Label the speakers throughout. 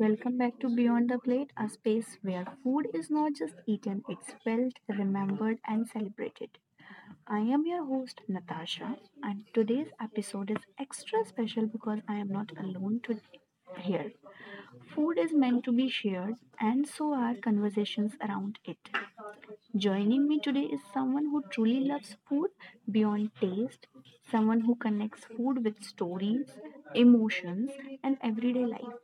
Speaker 1: welcome back to Beyond the Plate, a space where food is not just eaten, it's felt, remembered, and celebrated. I am your host Natasha, and today's episode is extra special because I am not alone to here. Food is meant to be shared, and so are conversations around it. Joining me today is someone who truly loves food beyond taste, someone who connects food with stories, emotions, and everyday life.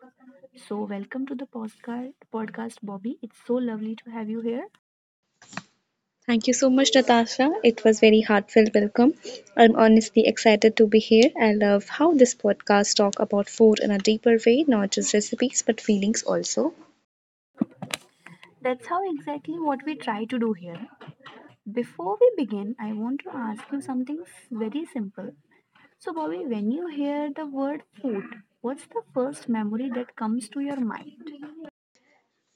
Speaker 1: So, welcome to the Postcard Podcast, Bobby. It's so lovely to have you here.
Speaker 2: Thank you so much, Natasha. It was very heartfelt welcome. I'm honestly excited to be here. I love how this podcast talk about food in a deeper way, not just recipes but feelings also.
Speaker 1: That's how exactly what we try to do here. Before we begin, I want to ask you something very simple. So, Bobby, when you hear the word food, what's the first memory that comes to your mind?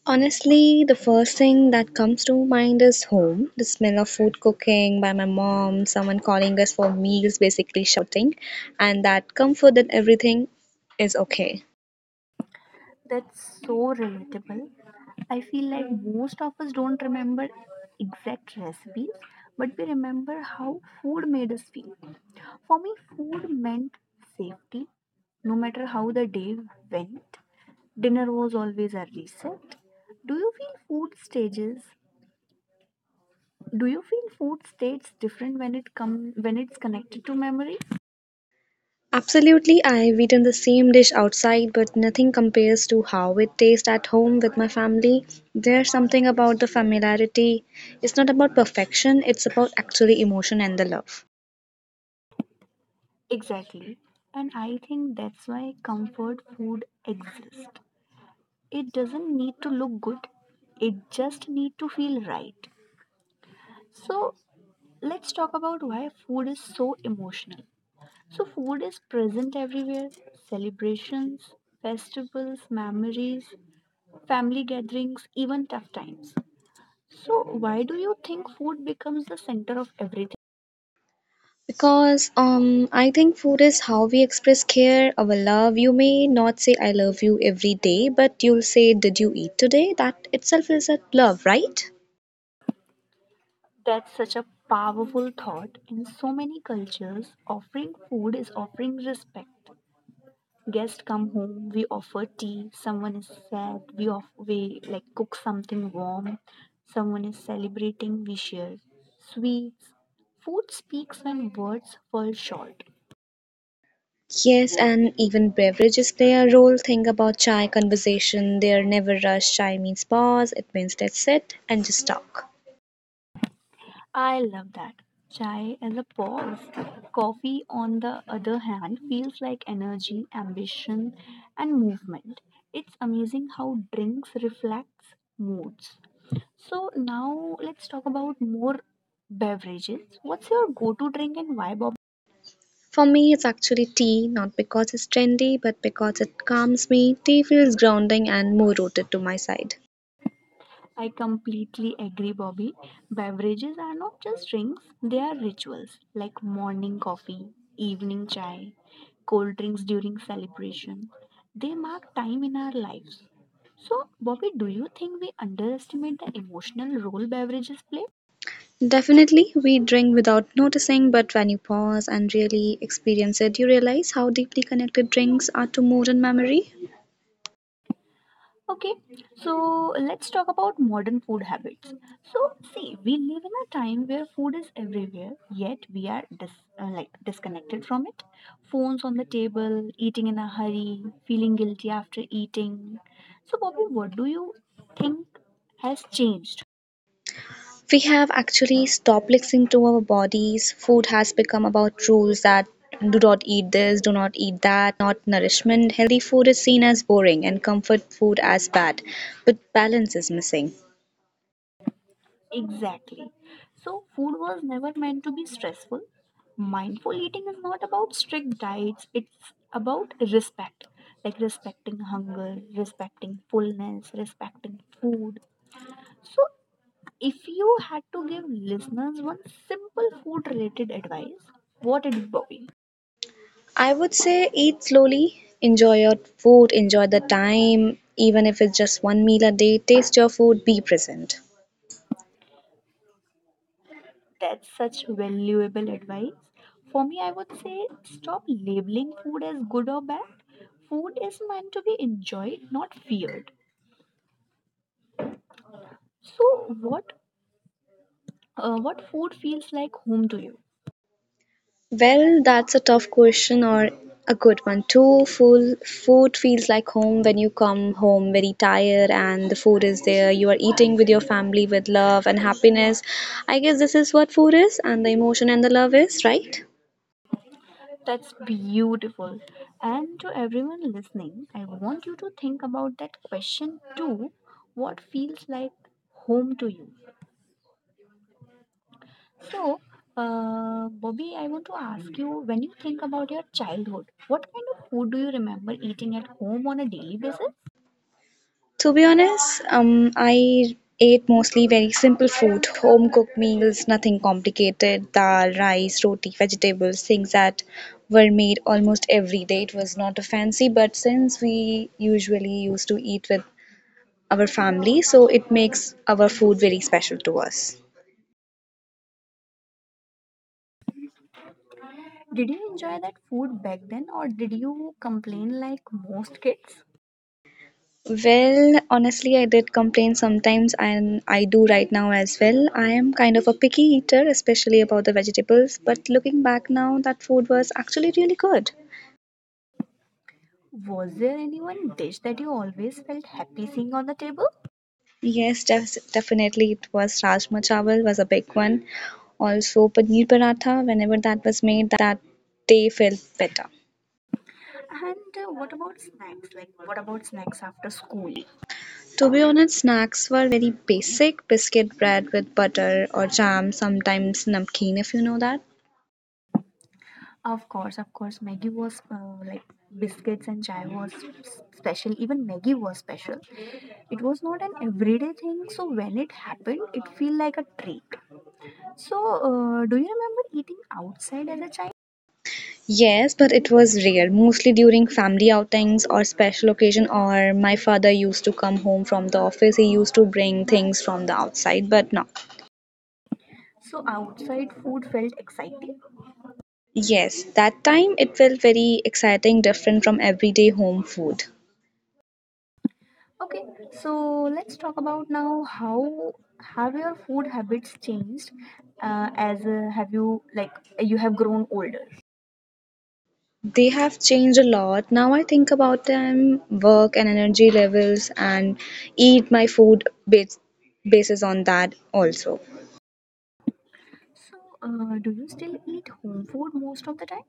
Speaker 2: Honestly, the first thing that comes to mind is home. The smell of food cooking by my mom, someone calling us for meals, basically shouting, and that comfort that everything is okay.
Speaker 1: That's so relatable. I feel like most of us don't remember exact recipes, but we remember how food made us feel. For me, food meant safety. No matter how the day went, dinner was always a reset. Do you feel food stages? Do you feel food states different when it's connected to memory?
Speaker 2: Absolutely, I've eaten the same dish outside, but nothing compares to how it tastes at home with my family. There's something about the familiarity. It's not about perfection, it's about actually emotion and the love.
Speaker 1: Exactly. And I think that's why comfort food exists. It doesn't need to look good, it just need to feel right. So let's talk about why food is so emotional. So food is present everywhere: celebrations, festivals, memories, family gatherings, even tough times. So why do you think food becomes the center of everything?
Speaker 2: Because I think food is how we express care, our love. You may not say I love you every day, but you'll say did you eat today? That itself is a love, right?
Speaker 1: That's such a powerful thought. In so many cultures, offering food is offering respect. Guests come home, we offer tea. Someone is sad, we like cook something warm. Someone is celebrating, we share sweets. Food speaks when words fall short.
Speaker 2: Yes, and even beverages play a role. Think about chai conversation. They're never rushed. Chai means pause, it means let's sit and just talk.
Speaker 1: I love that. Chai as a pause, coffee on the other hand feels like energy, ambition and movement. It's amazing how drinks reflects moods. So now let's talk about more beverages. What's your go-to drink and why, Bobby?
Speaker 2: For me, it's actually tea, not because it's trendy, but because it calms me. Tea feels grounding and more rooted to my side.
Speaker 1: I completely agree, Bobby. Beverages are not just drinks, they are rituals, like morning coffee, evening chai, cold drinks during celebration. They mark time in our lives. So, Bobby, do you think we underestimate the emotional role beverages play?
Speaker 2: Definitely, we drink without noticing, but when you pause and really experience it, you realize how deeply connected drinks are to modern memory.
Speaker 1: Okay, so let's talk about modern food habits. So, see, we live in a time where food is everywhere, yet we are disconnected from it. Phones on the table, eating in a hurry, feeling guilty after eating. So, Bobby, what do you think has changed?
Speaker 2: We have actually stopped listening to our bodies. Food has become about rules that do not eat this, do not eat that, not nourishment. Healthy food is seen as boring and comfort food as bad, but balance is missing.
Speaker 1: Exactly. So, food was never meant to be stressful. Mindful eating is not about strict diets, it's about respect, like respecting hunger, respecting fullness, respecting food. So, if you had to give listeners one simple food related advice, what it would be?
Speaker 2: I would say eat slowly, enjoy your food, enjoy the time, even if it's just one meal a day. Taste your food, be present.
Speaker 1: That's such valuable advice. For me, I would say stop labeling food as good or bad. Food is meant to be enjoyed, not feared. So, what food feels like home to you?
Speaker 2: Well, that's a tough question or a good one too. Full food feels like home when you come home very tired and the food is there. You are eating with your family with love and happiness. I guess this is what food is and the emotion and the love is, right?
Speaker 1: That's beautiful. And to everyone listening, I want you to think about that question too. What feels like home to you? So, Bobby, I want to ask you, when you think about your childhood, what kind of food do you remember eating at home on a daily basis?
Speaker 2: To be honest, I ate mostly very simple food, home cooked meals, nothing complicated, dal, rice, roti, vegetables, things that were made almost every day. It was not a fancy, but since we usually used to eat with our family so it makes our food very special to us.
Speaker 1: Did you enjoy that food back then, or did you complain like most kids?
Speaker 2: Well, honestly, I did complain sometimes and I do right now as well. I am kind of a picky eater, especially about the vegetables, but looking back now that food was actually really good.
Speaker 1: Was there any one dish that you always felt happy seeing on the table?
Speaker 2: Yes, definitely it was. Rajma chawal was a big one, also paneer paratha. Whenever that was made, that day felt better.
Speaker 1: And what about snacks? What about snacks after school?
Speaker 2: To be honest, snacks were very basic, biscuit bread with butter or jam, sometimes namkeen, if you know that.
Speaker 1: Of course, Maggie was biscuits and chai was special. Even Maggie was special. It was not an everyday thing, so when it happened, it felt like a treat. So, do you remember eating outside as a child?
Speaker 2: Yes, but it was rare, mostly during family outings or special occasion, or my father used to come home from the office, he used to bring things from the outside, but no.
Speaker 1: So, outside food felt exciting.
Speaker 2: Yes, that time it felt very exciting, different from everyday home food.
Speaker 1: Okay, so let's talk about now how have your food habits changed as have you like you have grown older.
Speaker 2: They have changed a lot. Now I think about them, work and energy levels, and eat my food bases on that also.
Speaker 1: So, do you still eat home food most of the time?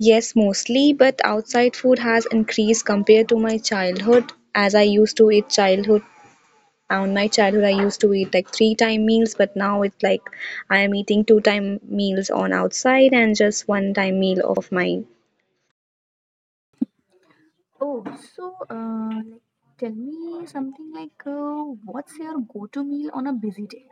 Speaker 2: Yes, mostly, but outside food has increased compared to my childhood. As I used to eat childhood, On my childhood, I used to eat like three time meals, but now it's like I am eating two time meals on outside and just one time meal of my.
Speaker 1: Oh, so tell me something like what's your go-to meal on a busy day?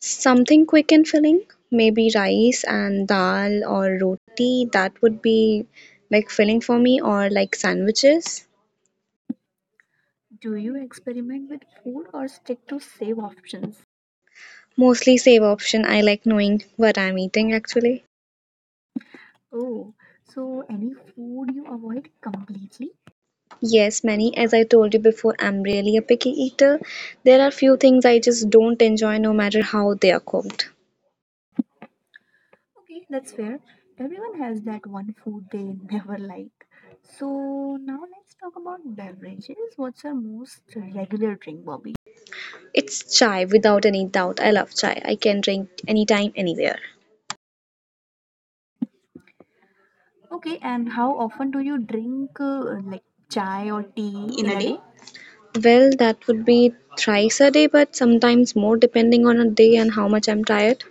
Speaker 2: Something quick and filling, maybe rice and dal or roti, that would be like filling for me, or like sandwiches.
Speaker 1: Do you experiment with food or stick to save options?
Speaker 2: Mostly save option, I like knowing what I'm eating actually.
Speaker 1: Oh, so any food you avoid completely?
Speaker 2: Yes, many. As I told you before, I'm really a picky eater. There are few things I just don't enjoy no matter how they are cooked.
Speaker 1: Okay, that's fair. Everyone has that one food they never like. So now let's talk about beverages. What's your most regular drink, Bobby?
Speaker 2: It's chai without any doubt. I love chai. I can drink anytime, anywhere.
Speaker 1: Okay, and how often do you drink chai or tea in a day?
Speaker 2: Well, that would be thrice a day, but sometimes more depending on a day and how much I'm tired.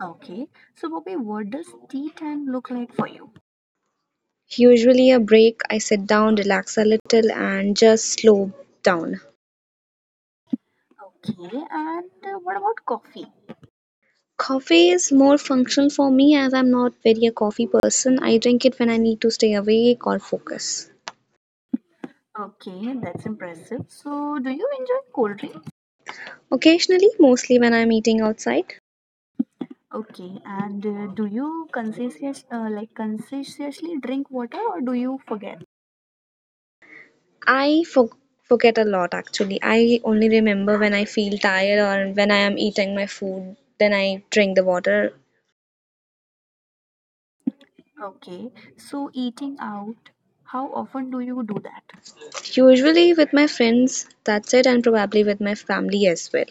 Speaker 1: Okay, so Bobby, what does tea time look like for you?
Speaker 2: Usually a break, I sit down, relax a little, and just slow down.
Speaker 1: Okay, and what about coffee?
Speaker 2: Coffee is more functional for me as I'm not very a coffee person. I drink it when I need to stay awake or focus.
Speaker 1: Okay, that's impressive. So, do you enjoy cold drink?
Speaker 2: Occasionally, mostly when I'm eating outside.
Speaker 1: Okay, and do you conscientious like conscientiously drink water, or do you forget?
Speaker 2: I forget a lot actually. I only remember when I feel tired or when I am eating my food, then I drink the water.
Speaker 1: Okay, so eating out, how often do you do that?
Speaker 2: Usually with my friends, that's it, and probably with my family as well.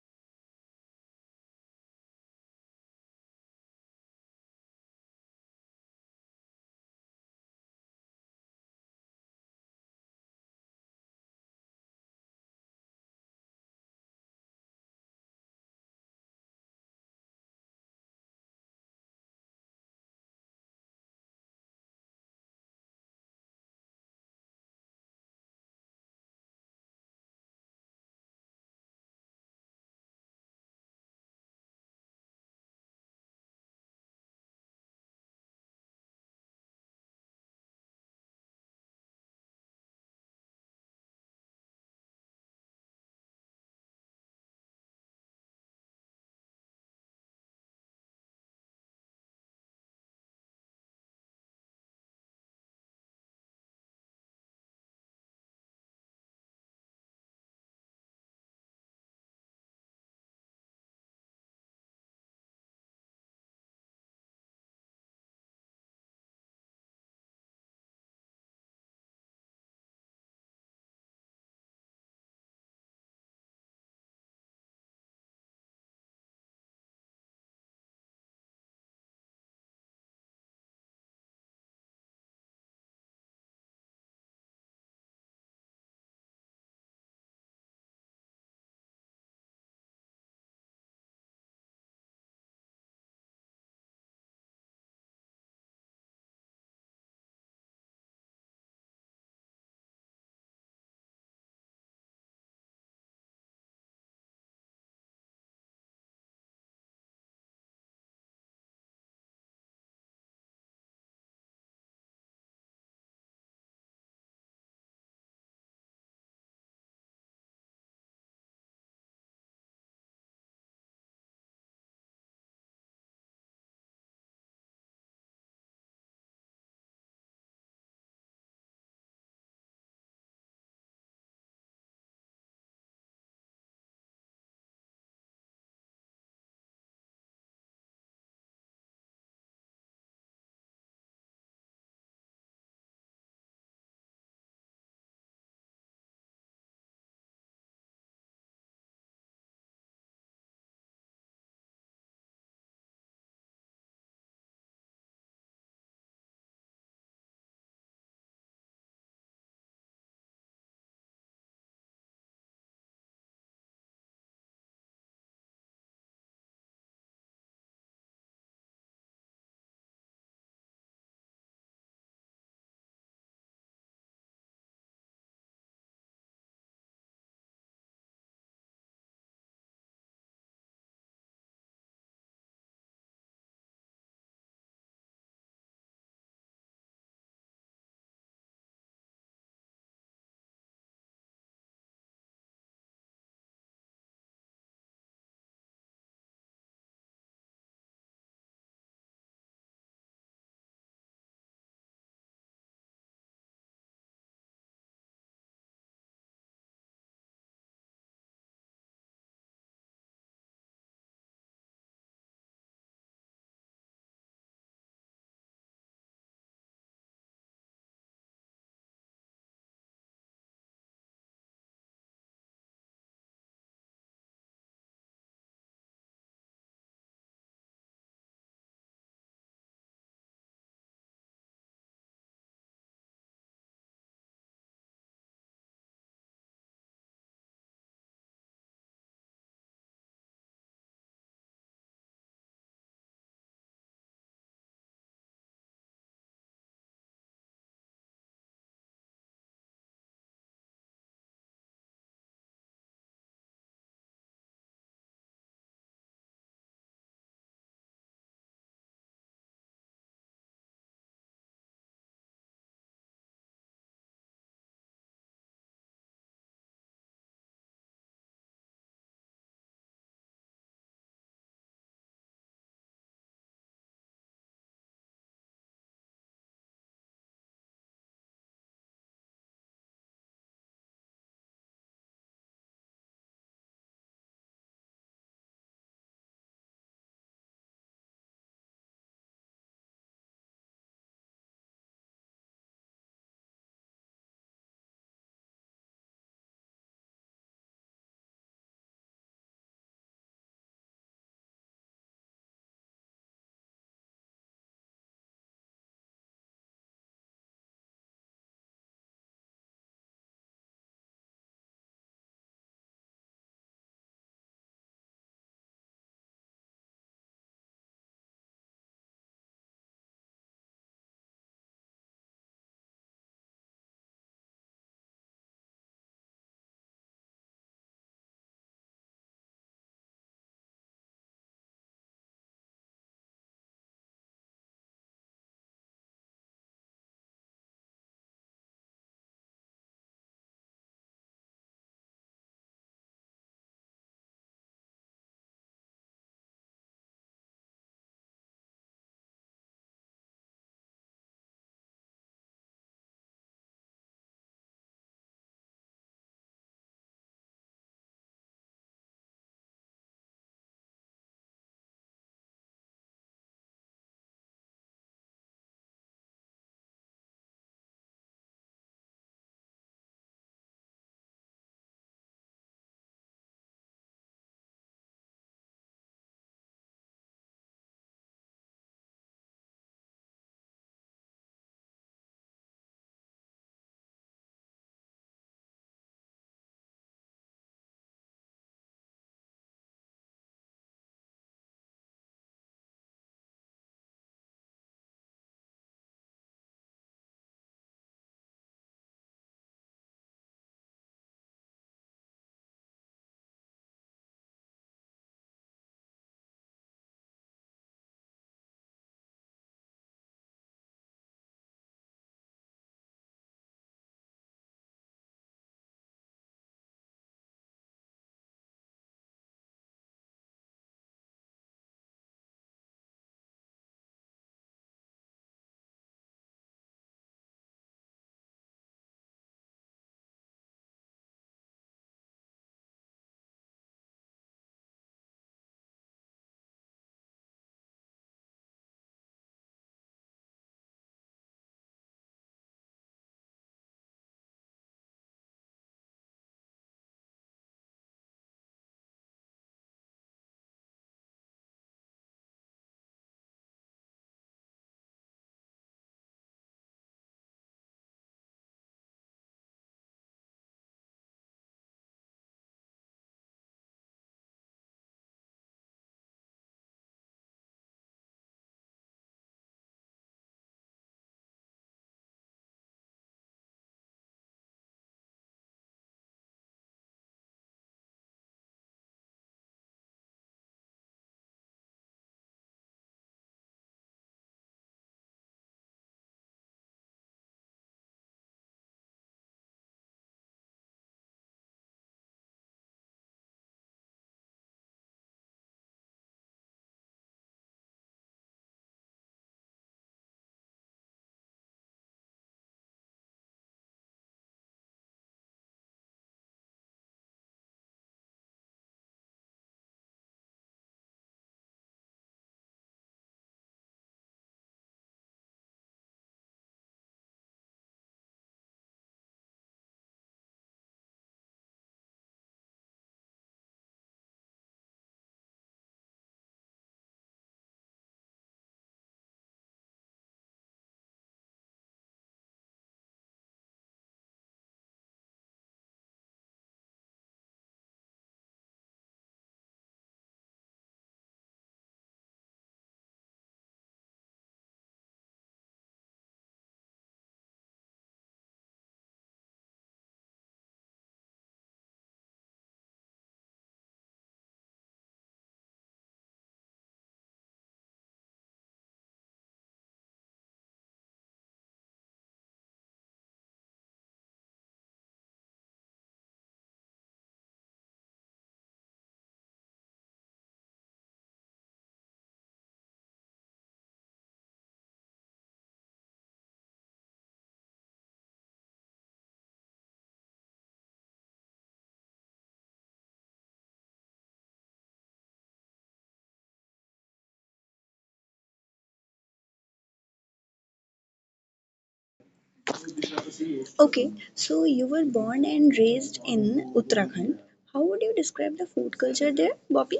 Speaker 2: Okay, so you were born and raised in Uttarakhand. How would you describe the food culture there, Bobby?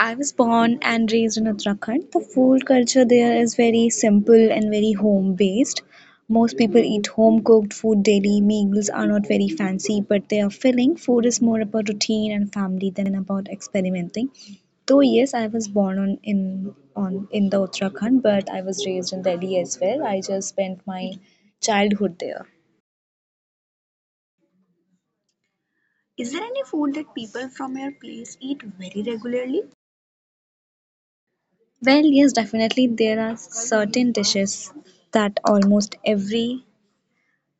Speaker 2: I was born and raised in Uttarakhand. The food culture there is very simple and very home based. Most people eat home cooked food daily. Meals are not very fancy, but they are filling. Food is more about routine and family than about experimenting. Though yes, I was born on in the Uttarakhand, but I was raised in Delhi as well. I just spent my childhood there. Is there any food that people from your place eat very regularly? Well, yes, definitely. There are certain dishes that almost every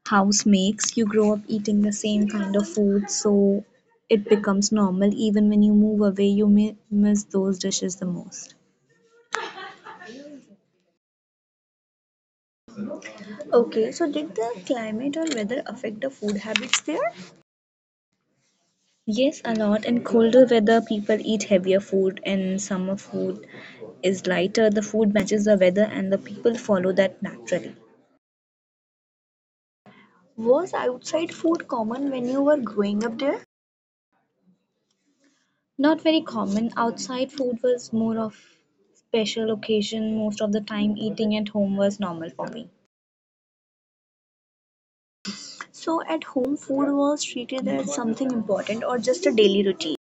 Speaker 2: house makes. You grow up eating the same kind of food, so it becomes normal. Even when you move away, you may miss those dishes the most. Okay, so did the climate or weather affect the food habits there? Yes, a lot. In colder weather, people eat heavier food, and summer, food is lighter. The food matches the weather, and the people follow that naturally. Was outside food common when you were growing up there? Not very common. Outside food was more of special occasion. Most of the time, eating at home was normal for me. So at home, food was treated as something important or just a daily routine.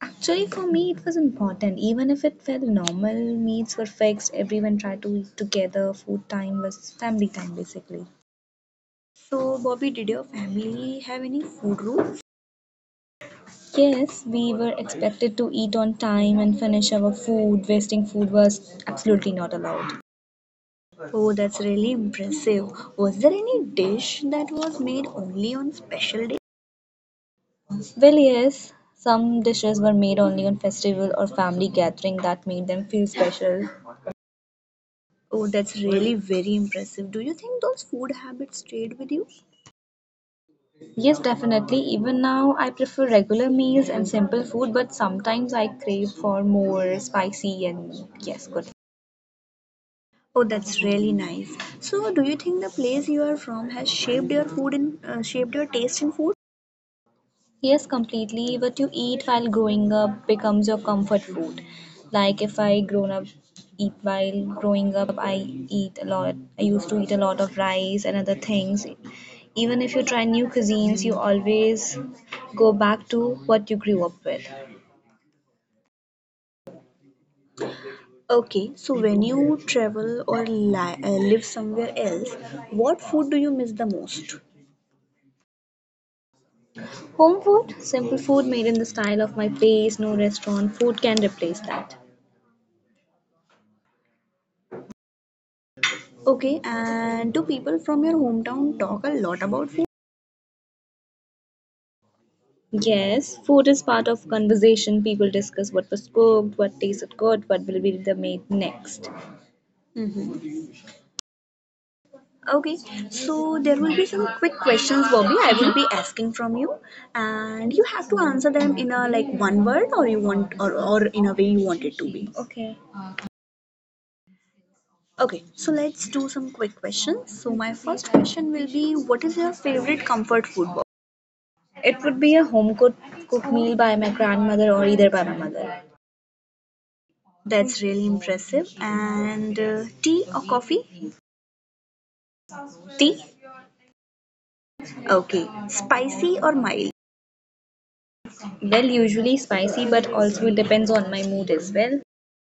Speaker 2: Actually, for me, it was important. Even if it felt normal, meals were fixed, everyone tried to eat together, food time was family time basically. So, Bobby, did your family have any food rules? Yes, we were expected to eat on time and finish our food. Wasting food was absolutely not allowed. Oh, that's really impressive. Was there any dish that was made only on special days? Well, yes, some dishes were made only on festival or family gathering that made them feel special. Oh, that's really very impressive. Do you think those food habits stayed with you? Yes, definitely. Even now, I prefer regular meals and simple food, but sometimes I crave for more spicy and yes, good. Oh, that's really nice. So, do you think the place you are from has shaped your food in shaped your taste in food? Yes, completely. What you eat while growing up becomes your comfort food. Like if I grown up eat while growing up, I eat a lot. I used to eat a lot of rice and other things. Even if you try new cuisines, you always go back to what you grew up with. Okay, so when you travel or live somewhere else, what food do you miss the most? Home food, simple food made in the style of my place, no restaurant food can replace that. Okay, and do people from your hometown talk a lot about food? Yes, food is part of conversation. People discuss what was cooked, what tasted good, what will be the made next. Hmm. Okay, so there will be some quick questions, Bobby. I will be asking from you, and you have to answer them in a like one word, or you want, or in a way you want it to be. Okay. Okay, so let's do some quick questions. So my first question will be, what is your favorite comfort food, Bobby? It would be a home-cooked meal by my grandmother or either by my mother. That's really impressive. And tea or coffee? Tea? Okay. Spicy or mild? Well, usually spicy, but also it depends on my mood as well.